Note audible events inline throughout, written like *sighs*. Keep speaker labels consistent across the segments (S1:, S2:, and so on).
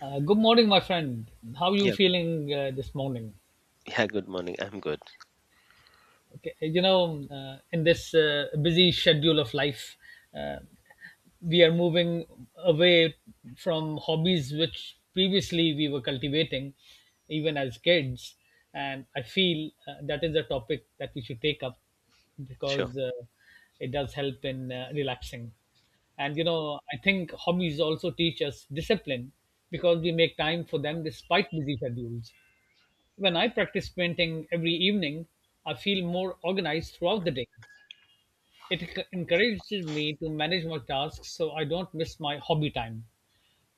S1: Good morning, my friend. How you
S2: Yeah,
S1: feeling this morning?
S2: yeah, good morning. I'm good.
S1: Okay, you know, in this busy schedule of life, uh, we are moving away from hobbies which previously we were cultivating, even as kids. And I feel that is a topic that we should take up
S2: Sure.
S1: because it does help in relaxing. And you know, I think hobbies also teach us discipline because we make time for them despite busy schedules. When I practice painting every evening, I feel more organized throughout the day. It encourages me to manage my tasks so I don't miss my hobby time.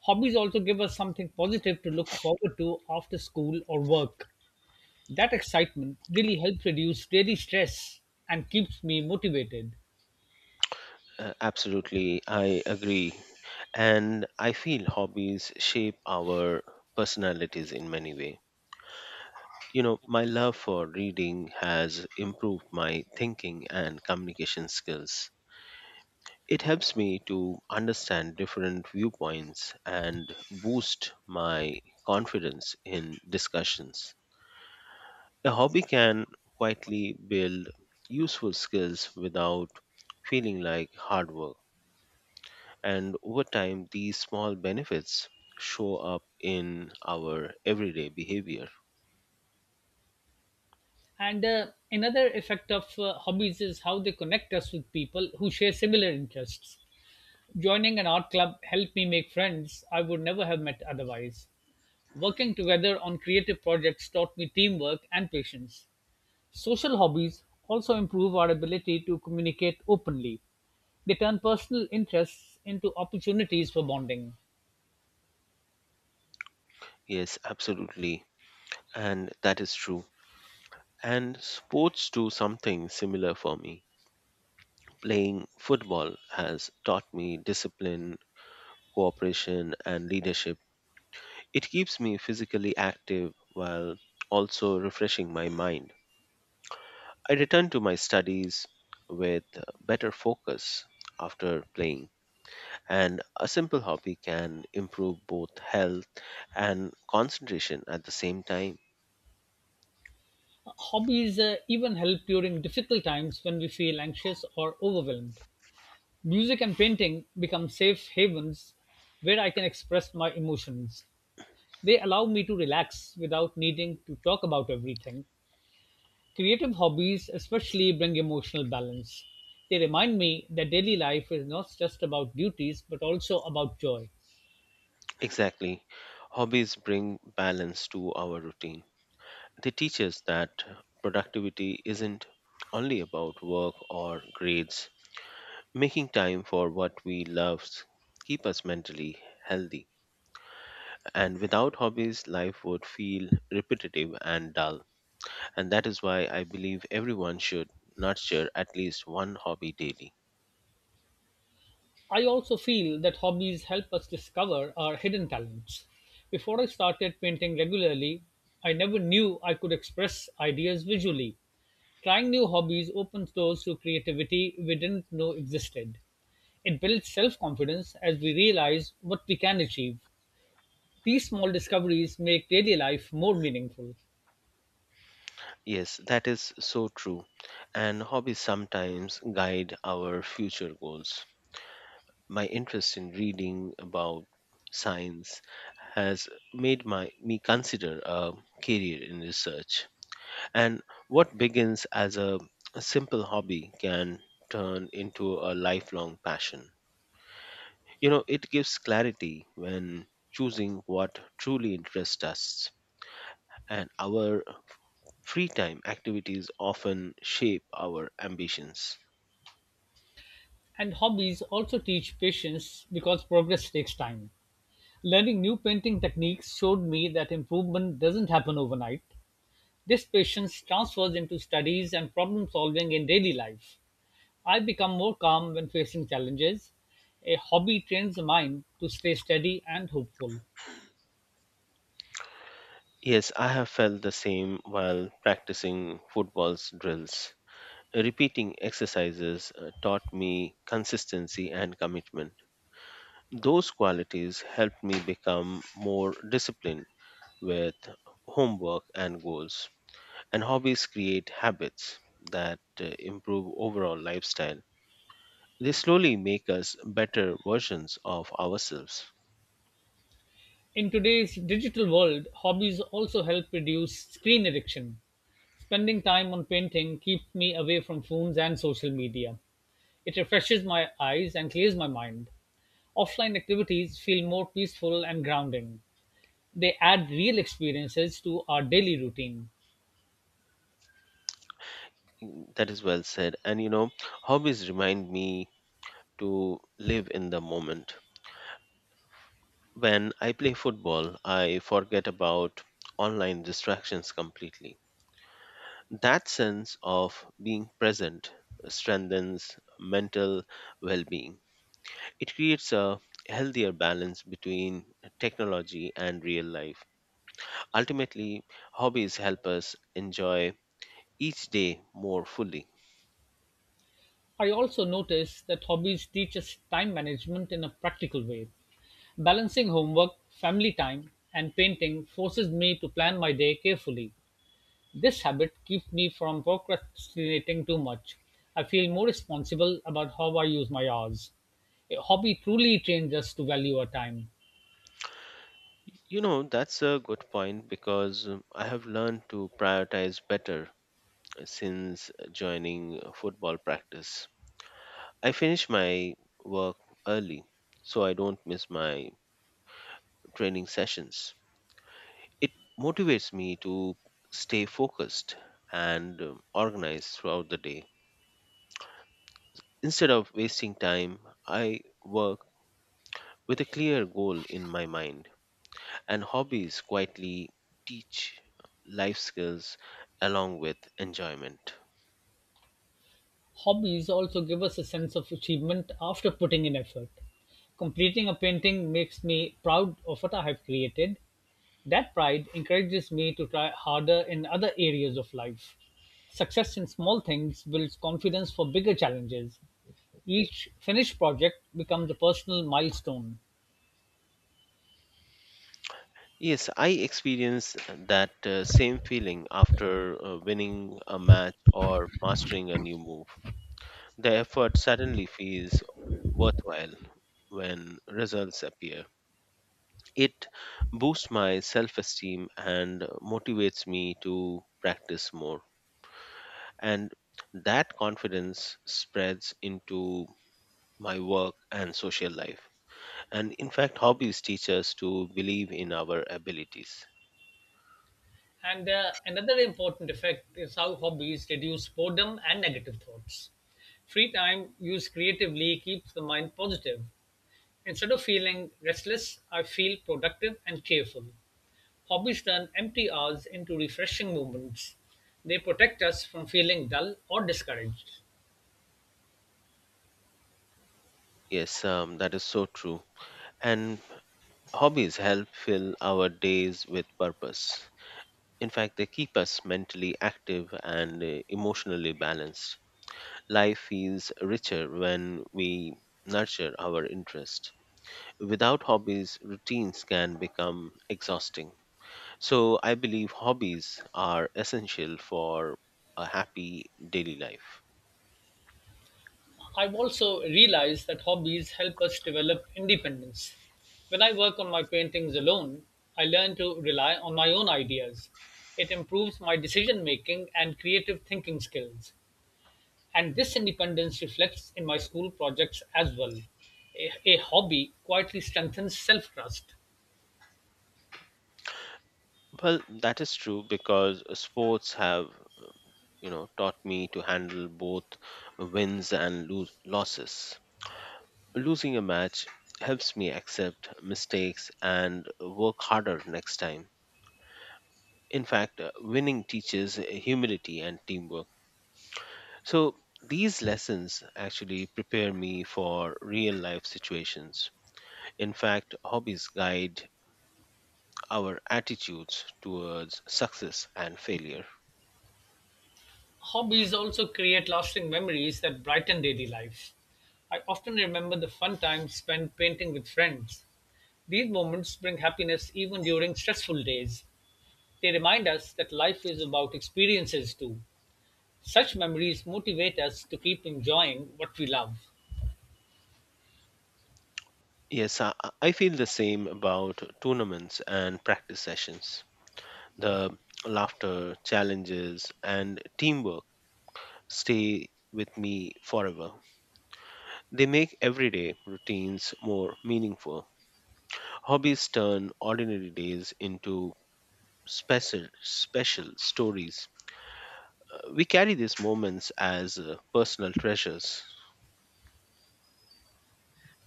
S1: Hobbies also give us something positive to look forward to after school or work. That excitement really helps reduce daily stress and keeps me motivated.
S2: Absolutely. I agree. And I feel hobbies shape our personalities in many ways. My love for reading has improved my thinking and communication skills. It helps me to understand different viewpoints and boost my confidence in discussions. A hobby can quietly build useful skills without feeling like hard work. And over time, these small benefits show up in our everyday behavior.
S1: And Another effect of hobbies is how they connect us with people who share similar interests. Joining an art club helped me make friends I would never have met otherwise. Working together on creative projects taught me teamwork and patience. Social hobbies also improve our ability to communicate openly. They turn personal interests into opportunities for bonding.
S2: Yes, absolutely. And that is true. And sports do something similar for me. Playing football has taught me discipline, cooperation, and leadership. It keeps me physically active while also refreshing my mind. I return to my studies with better focus after playing. And a simple hobby can improve both health and concentration at the same time.
S1: Hobbies even help during difficult times when we feel anxious or overwhelmed. Music and painting become safe havens where I can express my emotions. They allow me to relax without needing to talk about everything. Creative hobbies especially bring emotional balance. They remind me that daily life is not just about duties but also about joy.
S2: Exactly. Hobbies bring balance to our routine. They teach us that productivity isn't only about work or grades. Making time for what we love keep us mentally healthy. And without hobbies, life would feel repetitive and dull. And that is why I believe everyone should nurture at least one hobby daily.
S1: I also feel that hobbies help us discover our hidden talents. Before I started painting regularly, I never knew I could express ideas visually. Trying new hobbies opens doors to creativity we didn't know existed. It builds self confidence as we realize what we can achieve. These small discoveries make daily life more meaningful.
S2: Yes, that is so true. And hobbies sometimes guide our future goals. My interest in reading about science has made my me consider a career in research. And what begins as a simple hobby can turn into a lifelong passion. It gives clarity when choosing what truly interests us. And our free time activities often shape our ambitions.
S1: And hobbies also teach patience because progress takes time. Learning new painting techniques showed me that improvement doesn't happen overnight. This patience transfers into studies and problem solving in daily life. I become more calm when facing challenges. A hobby trains the mind to stay steady and hopeful.
S2: Yes, I have felt the same while practicing football's drills. Repeating exercises taught me consistency and commitment. Those qualities helped me become more disciplined with homework and goals. And hobbies create habits that improve overall lifestyle. They slowly make us better versions of ourselves.
S1: In today's digital world, hobbies also help reduce screen addiction. Spending time on painting keeps me away from phones and social media. It refreshes my eyes and clears my mind. Offline activities feel more peaceful and grounding. They add real experiences to our daily routine.
S2: Mm, that is well said. And hobbies remind me to live in the moment. When I play football, I forget about online distractions completely. That sense of being present strengthens mental well being. It creates a healthier balance between technology and real life. Ultimately, hobbies help us enjoy each day more fully.
S1: I also notice that hobbies teach us time management in a practical way. Balancing homework, family time, and painting forces me to plan my day carefully. This habit keeps me from procrastinating too much. I feel more responsible about how I use my hours. A hobby truly trains us to value our time.
S2: That's a good point because I have learned to prioritize better since joining football practice. I finish my work early so I don't miss my training sessions. It motivates me to stay focused and organized throughout the day. Instead of wasting time, I work with a clear goal in my mind. And hobbies quietly teach life skills along with enjoyment.
S1: Hobbies also give us a sense of achievement after putting in effort. Completing a painting makes me proud of what I have created. That pride encourages me to try harder in other areas of life. Success in small things builds confidence for bigger challenges. Each finished project becomes a personal milestone.
S2: Yes, I experienced that same feeling after winning a match or mastering a new move. The effort suddenly feels worthwhile when results appear. It boosts my self esteem and motivates me to practice more. And that confidence spreads into my work and social life. And in fact, hobbies teach us to believe in our abilities.
S1: And Another important effect is how hobbies reduce boredom and negative thoughts. Free time used creatively keeps the mind positive. Instead of feeling restless, I feel productive and cheerful. Hobbies turn empty hours into refreshing moments. They protect us from feeling dull or discouraged.
S2: Yes, that is so true. And hobbies help fill our days with purpose. In fact, they keep us mentally active and emotionally balanced. Life feels richer when we nurture our interest. Without hobbies, routines can become exhausting. So, I believe hobbies are essential for a happy daily life.
S1: I've also realized that hobbies help us develop independence. When I work on my paintings alone, I learn to rely on my own ideas. It improves my decision making and creative thinking skills. And this independence reflects in my school projects as well. A hobby quietly strengthens self trust.
S2: Well, that is true because sports have, taught me to handle both wins and lose losses. Losing a match helps me accept mistakes and work harder next time. In fact, winning teaches humility and teamwork. So, these lessons actually prepare me for real life situations. In fact, hobbies guide our attitudes towards success and failure.
S1: Hobbies also create lasting memories that brighten daily life. I often remember the fun times spent painting with friends. These moments bring happiness even during stressful days. They remind us that life is about experiences too. Such memories motivate us to keep enjoying what we love.
S2: Yes, I feel the same about tournaments and practice sessions. The laughter, challenges, and teamwork stay with me forever. They make everyday routines more meaningful. Hobbies turn ordinary days into special stories. We carry these moments as personal treasures.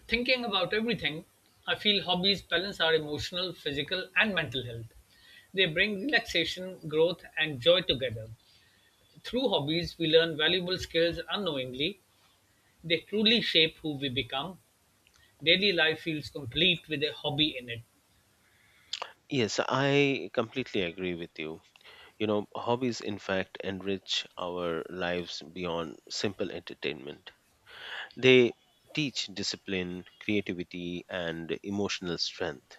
S1: Thinking about everything, I feel hobbies balance our emotional, physical, and mental health. They bring relaxation, growth, and joy together. Through hobbies, we learn valuable skills unknowingly. They truly shape who we become. Daily life feels complete with a hobby in it.
S2: Yes, I completely agree with you. Hobbies in fact enrich our lives beyond simple entertainment. They teach discipline, creativity, and emotional strength.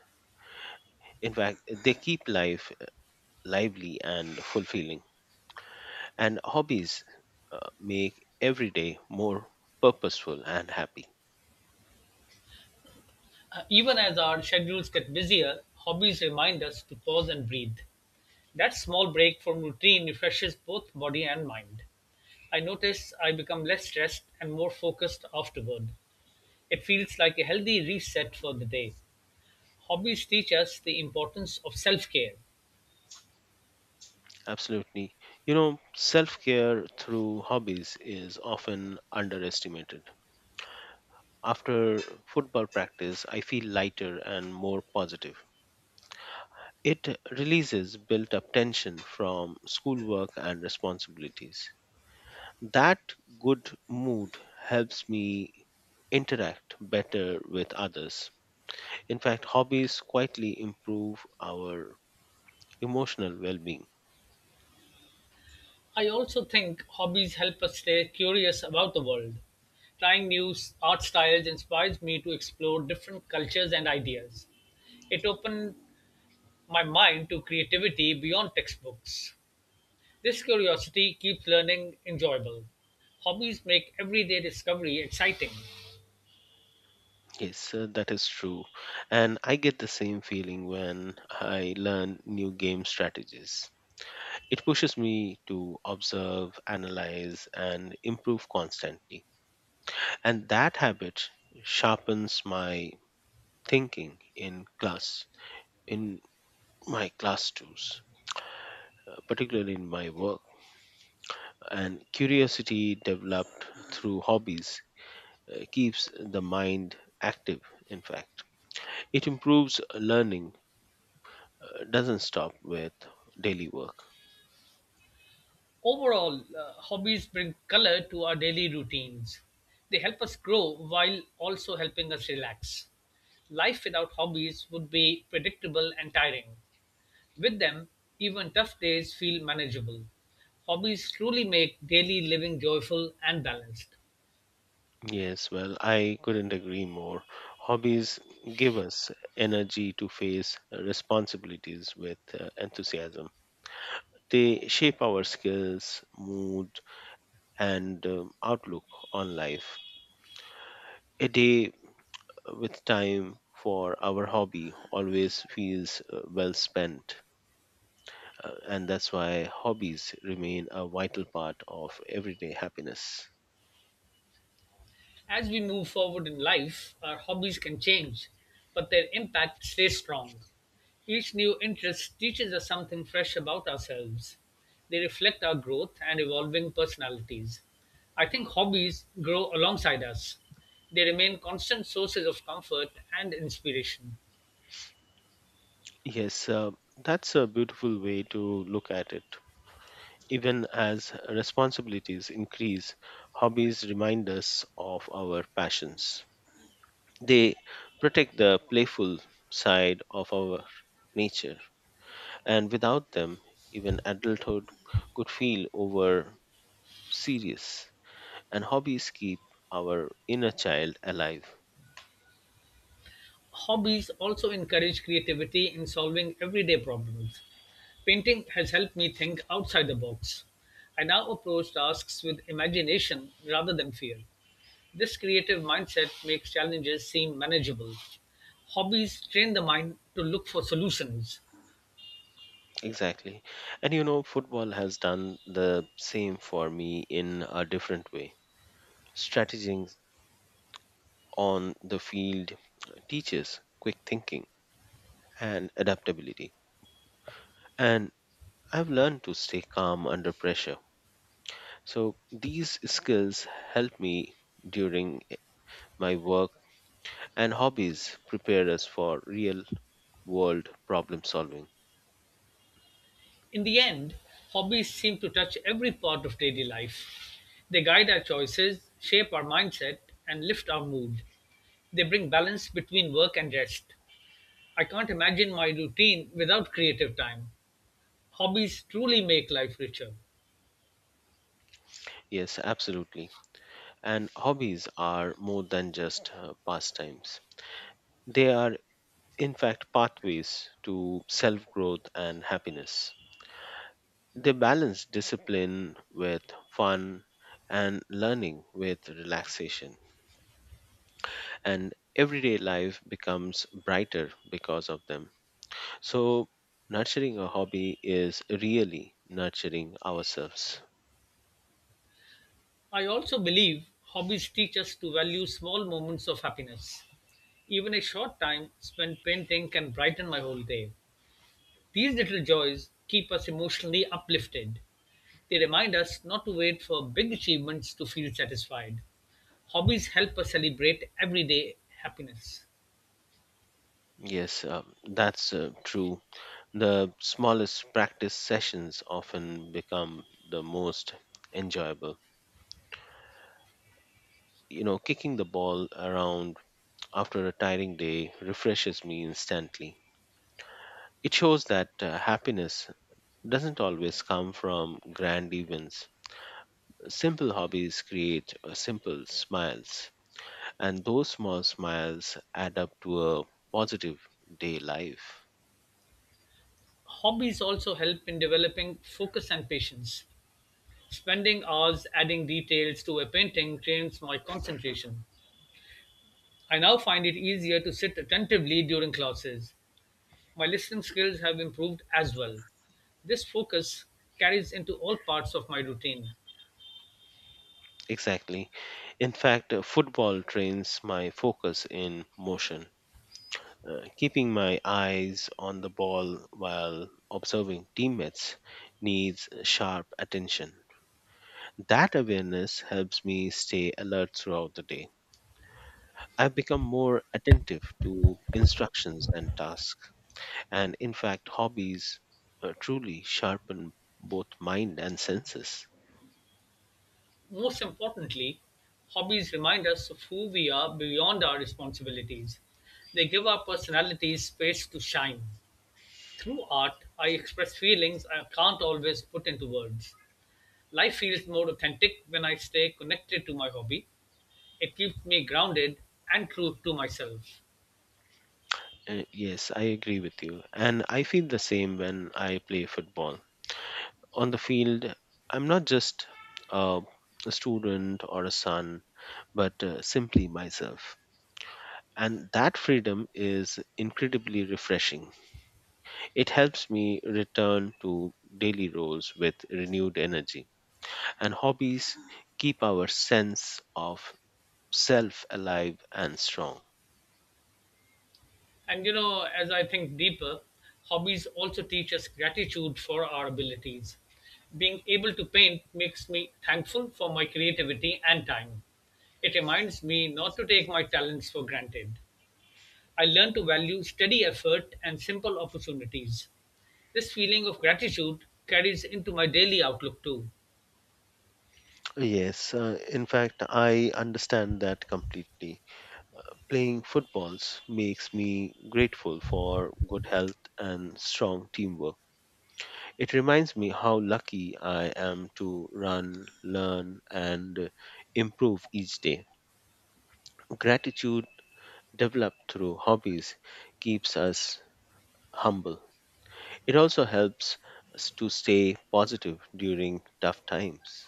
S2: In fact, they keep life lively and fulfilling. And hobbies make every day more purposeful and happy.
S1: Even as our schedules get busier, hobbies remind us to pause and breathe. That small break from routine refreshes both body and mind. I notice I become less stressed and more focused afterward. It feels like a healthy reset for the day. Hobbies teach us the importance of self care.
S2: Absolutely. Self care through hobbies is often underestimated. After football practice, I feel lighter and more positive. It releases built up tension from schoolwork and responsibilities. That good mood helps me interact better with others. In fact, hobbies quietly improve our emotional well being.
S1: I also think hobbies help us stay curious about the world. Trying new art styles inspires me to explore different cultures and ideas. It opened my mind to creativity beyond textbooks. This curiosity keeps learning enjoyable. Hobbies make everyday discovery exciting.
S2: Yes, that is true. And I get the same feeling when I learn new game strategies. It pushes me to observe, analyze, and improve constantly. And that habit sharpens my thinking in class, in my class tools, particularly in my work. And curiosity developed through hobbies keeps the mind active, in fact. It improves learning, doesn't stop with daily work.
S1: Overall, hobbies bring color to our daily routines. They help us grow while also helping us relax. Life without hobbies would be predictable and tiring. With them, even tough days feel manageable. Hobbies truly make daily living joyful and balanced.
S2: Yes, well, I couldn't agree more. Hobbies give us energy to face responsibilities with enthusiasm. They shape our skills, mood, and outlook on life. A day with time for our hobby always feels well spent, and that's why hobbies remain a vital part of everyday happiness.
S1: As we move forward in life, our hobbies can change, but their impact stays strong. Each new interest teaches us something fresh about ourselves. They reflect our growth and evolving personalities. I think hobbies grow alongside us. They remain constant sources of comfort and inspiration.
S2: Yes, that's a beautiful way to look at it. Even as responsibilities increase, hobbies remind us of our passions. They protect the playful side of our nature, and without them, even adulthood could feel overwhelming serious, and hobbies keep our inner child alive.
S1: Hobbies also encourage creativity in solving everyday problems. Painting has helped me think outside the box. I now approach tasks with imagination rather than fear. This creative mindset makes challenges seem manageable. Hobbies train the mind to look for solutions.
S2: Exactly. And football has done the same for me in a different way. Strategizing on the field teaches quick thinking and adaptability, and I've learned to stay calm under pressure. So these skills help me during my work, and hobbies prepare us for real world problem solving.
S1: In the end, hobbies seem to touch every part of daily life. They guide our choices, shape our mindset, and lift our mood. They bring balance between work and rest. I can't imagine my routine without creative time. Hobbies truly make life richer.
S2: Yes, absolutely. And hobbies are more than just pastimes, they are, in fact, pathways to self growth and happiness. They balance discipline with fun and learning with relaxation, and everyday life becomes brighter because of them. So, nurturing a hobby is really nurturing ourselves.
S1: I also believe hobbies teach us to value small moments of happiness. Even a short time spent painting can brighten my whole day. These little joys keep us emotionally uplifted. They remind us not to wait for big achievements to feel satisfied. Hobbies help us celebrate everyday happiness.
S2: Yes, that's true. The smallest practice sessions often become the most enjoyable. Kicking the ball around after a tiring day refreshes me instantly. It shows that happiness doesn't always come from grand events. Simple hobbies create simple smiles, and those small smiles add up to a positive day life.
S1: Hobbies also help in developing focus and patience. Spending hours adding details to a painting drains my concentration. I now find it easier to sit attentively during classes. My listening skills have improved as well. This focus carries into all parts of my routine.
S2: Exactly. In fact, football trains my focus in motion. Keeping my eyes on the ball while observing teammates needs sharp attention. That awareness helps me stay alert throughout the day. I've become more attentive to instructions and tasks, and in fact, hobbies truly sharpen both mind and senses.
S1: Most importantly, hobbies remind us of who we are beyond our responsibilities. They give our personalities space to shine. Through art, I express feelings I can't always put into words. Life feels more authentic when I stay connected to my hobby. It keeps me grounded and true to myself.
S2: Yes, I agree with you, and I feel the same when I play football. On the field, I'm not just uh, a student or a son but simply myself. And that freedom is incredibly refreshing. It helps me return to daily roles with renewed energy. And hobbies keep our sense of self alive and strong.
S1: And you know, as I think deeper, hobbies also teach us gratitude for our abilities. Being able to paint makes me thankful for my creativity and time. It reminds me not to take my talents for granted. I learn to value steady effort and simple opportunities. This feeling of gratitude carries into my daily outlook too.
S2: Yes, in fact, I understand that completely. Playing footballs makes me grateful for good health and strong teamwork. It reminds me how lucky I am to run, learn, and improve each day. Gratitude developed through hobbies keeps us humble. It also helps us to stay positive during tough times.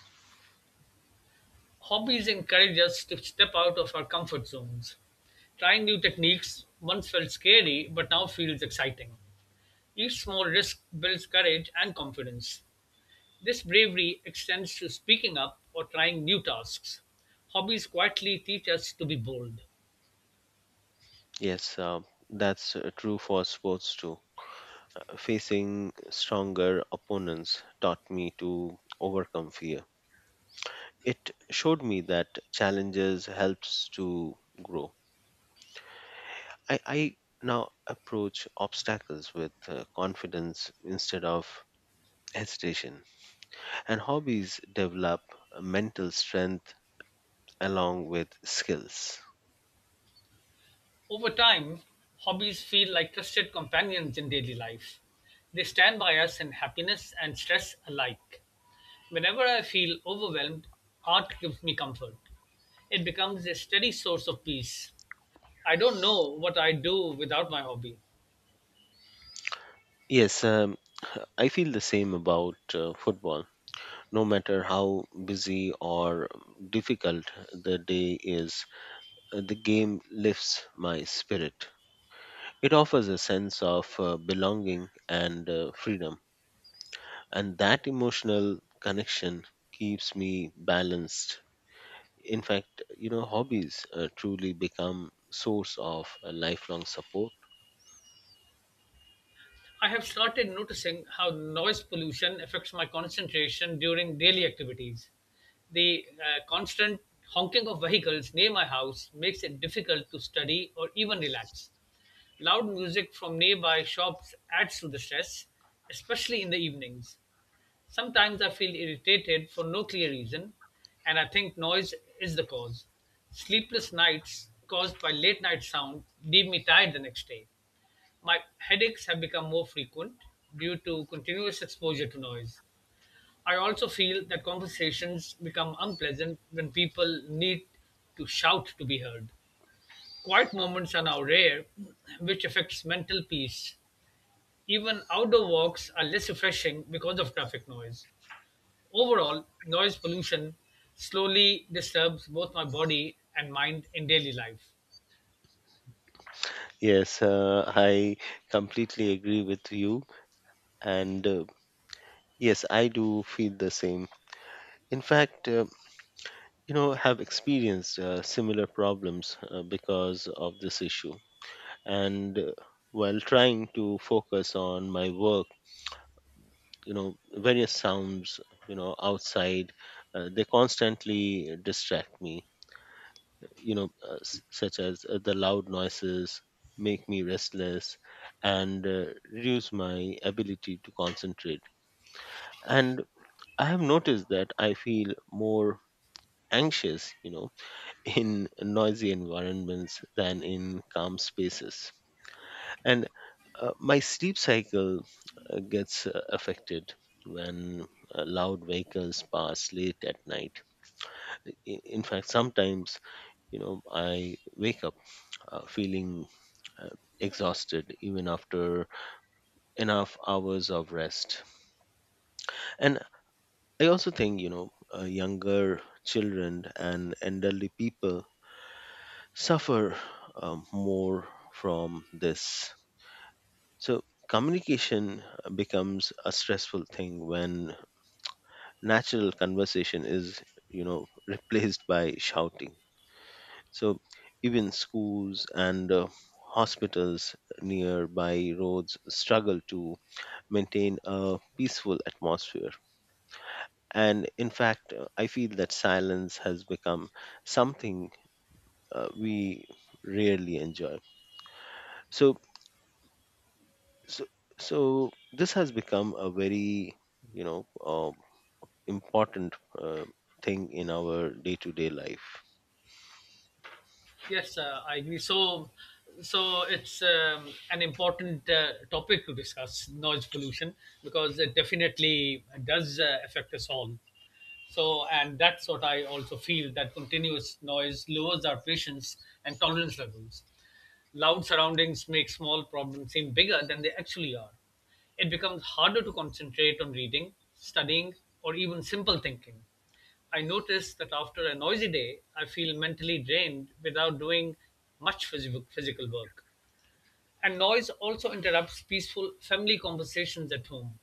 S1: Hobbies encourage us to step out of our comfort zones. Trying new techniques once felt scary, but now feels exciting. Each small risk builds courage and confidence. This bravery extends to speaking up or trying new tasks. Hobbies quietly teach us to be bold.
S2: Yes, that's true for sports too. Facing stronger opponents taught me to overcome fear. It showed me that challenges helps to grow. I now approach obstacles with confidence instead of hesitation, and hobbies develop mental strength along with skills.
S1: Over time, hobbies feel like trusted companions in daily life. They stand by us in happiness and stress alike. Whenever I feel overwhelmed, art gives me comfort. It becomes a steady source of peace. I don't know what I'd do without my hobby.
S2: Yes, *sighs* I feel the same about football. No matter how busy or difficult the day is, the game lifts my spirit. It offers a sense of belonging and freedom, and that emotional connection keeps me balanced. In fact, hobbies truly become source of lifelong support.
S1: I have started noticing how noise pollution affects my concentration during daily activities. The constant honking of vehicles near my house makes it difficult to study or even relax. Loud music from nearby shops adds to the stress, especially in the evenings. Sometimes I feel irritated for no clear reason, and I think noise is the cause. Sleepless nights caused by late night sound leave me tired the next day. My headaches have become more frequent due to continuous exposure to noise. I also feel that conversations become unpleasant when people need to shout to be heard. Quiet moments are now rare, which affects mental peace. Even outdoor walks are less refreshing because of traffic noise. Overall, noise pollution slowly disturbs both my body and mind in daily life.
S2: Yes, I completely agree with you. And yes, I do feel the same. In fact, have experienced similar problems because of this issue. And while trying to focus on my work, various sounds outside, they constantly distract me, such as the loud noises make me restless and reduce my ability to concentrate. And I have noticed that I feel more anxious, *laughs* in noisy environments than in calm spaces. And my sleep cycle gets affected when loud vehicles pass late at night. In fact, sometimes, I wake up feeling exhausted even after enough hours of rest. And I also think, younger children and elderly people suffer more from this. So, communication becomes a stressful thing when natural conversation is, replaced by shouting. So, even schools and hospitals nearby roads struggle to maintain a peaceful atmosphere. And in fact, I feel that silence has become something we rarely enjoy. So, so, so, this has become a very, you know, uh, important thing in our day to day life.
S1: Yes, I agree. So it's an important topic to discuss noise pollution because it definitely does affect us all. So, and that's what I also feel that continuous noise lowers our patience and tolerance levels. Loud surroundings make small problems seem bigger than they actually are. It becomes harder to concentrate on reading, studying, or even simple thinking. I notice that after a noisy day, I feel mentally drained without doing much physical work. And noise also interrupts peaceful family conversations at home.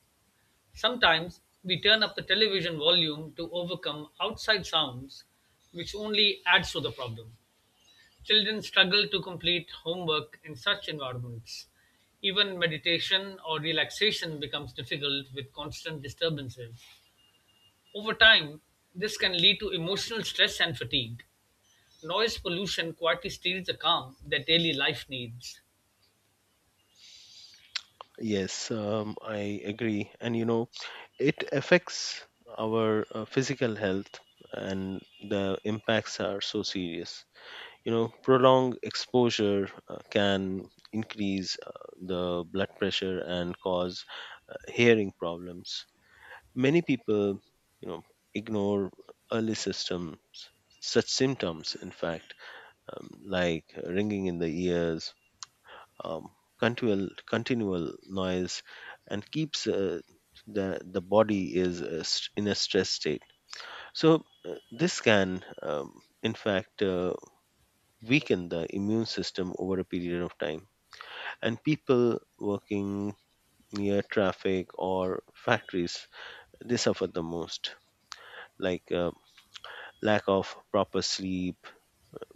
S1: Sometimes we turn up the television volume to overcome outside sounds, which only adds to the problem. Children struggle to complete homework in such environments. Even meditation or relaxation becomes difficult with constant disturbances. Over time, this can lead to emotional stress and fatigue. Noise pollution quietly steals the calm that daily life needs.
S2: Yes, I agree. And it affects our physical health, and the impacts are so serious. Prolonged exposure can increase the blood pressure and cause hearing problems. Many people, you know, ignore early systems, such symptoms, in fact, like ringing in the ears, continual noise and keeps the body is in a stress state. So this can, in fact, weaken the immune system over a period of time. And people working near traffic or factories, they suffer the most, like lack of proper sleep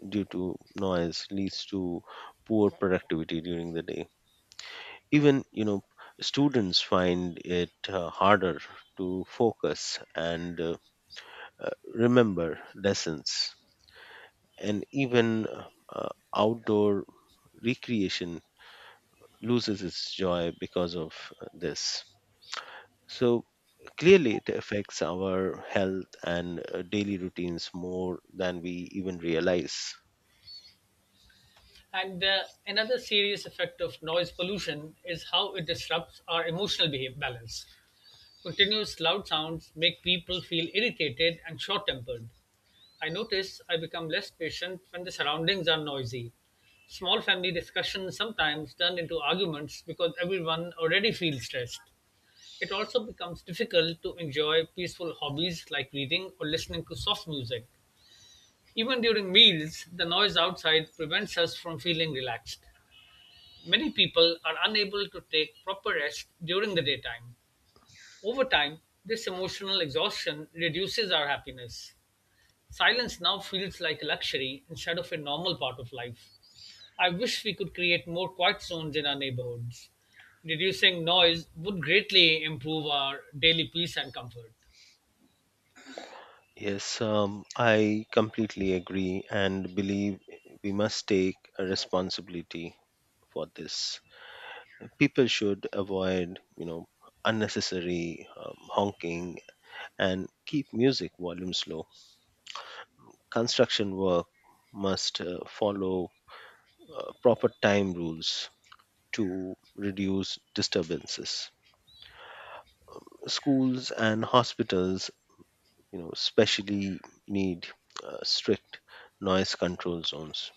S2: due to noise leads to poor productivity during the day. Even students find it harder to focus and remember lessons. And even uh, outdoor recreation loses its joy because of this. So clearly it affects our health and daily routines more than we even realize.
S1: And Another serious effect of noise pollution is how it disrupts our emotional behavior balance. Continuous loud sounds make people feel irritated and short tempered. I notice I become less patient when the surroundings are noisy. Small family discussions sometimes turn into arguments because everyone already feels stressed. It also becomes difficult to enjoy peaceful hobbies like reading or listening to soft music. Even during meals, the noise outside prevents us from feeling relaxed. Many people are unable to take proper rest during the daytime. Over time, this emotional exhaustion reduces our happiness. Silence now feels like a luxury instead of a normal part of life. I wish we could create more quiet zones in our neighborhoods. Reducing noise would greatly improve our daily peace and comfort.
S2: Yes, I completely agree and believe we must take a responsibility for this. People should avoid unnecessary honking and keep music volumes low. Construction work must follow proper time rules to reduce disturbances. Schools and hospitals, especially, need strict noise control zones.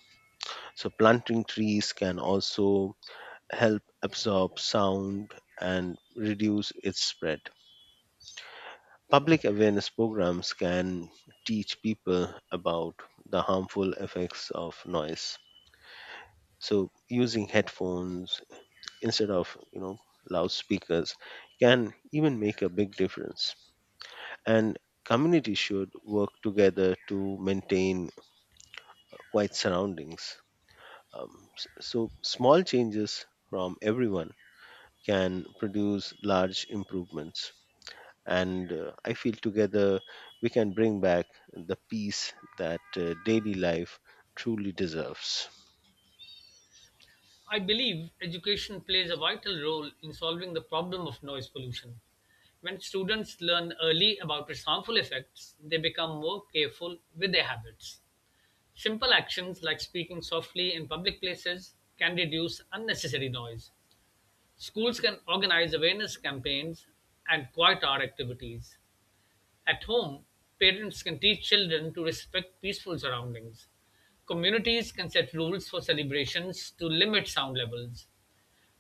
S2: So planting trees can also help absorb sound and reduce its spread. Public awareness programs can teach people about the harmful effects of noise. So using headphones instead of, loudspeakers can even make a big difference. And communities should work together to maintain quiet surroundings. So small changes from everyone can produce large improvements. And I feel together we can bring back the peace that daily life truly deserves.
S1: I believe education plays a vital role in solving the problem of noise pollution. When students learn early about its harmful effects, they become more careful with their habits. Simple actions like speaking softly in public places can reduce unnecessary noise. Schools can organize awareness campaigns and quiet hour activities. At home, parents can teach children to respect peaceful surroundings. Communities can set rules for celebrations to limit sound levels.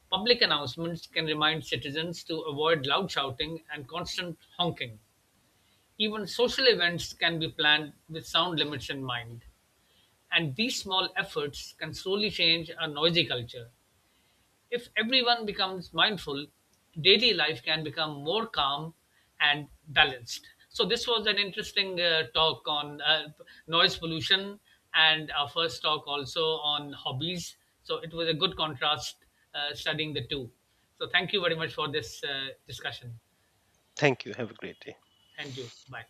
S1: Public announcements can remind citizens to avoid loud shouting and constant honking. Even social events can be planned with sound limits in mind. And these small efforts can slowly change a noisy culture. If everyone becomes mindful, daily life can become more calm and balanced. So, this was an interesting talk on noise pollution and our first talk also on hobbies. So, it was a good contrast studying the two. So, thank you very much for this discussion.
S2: Thank you. Have a great day.
S1: And you. Bye.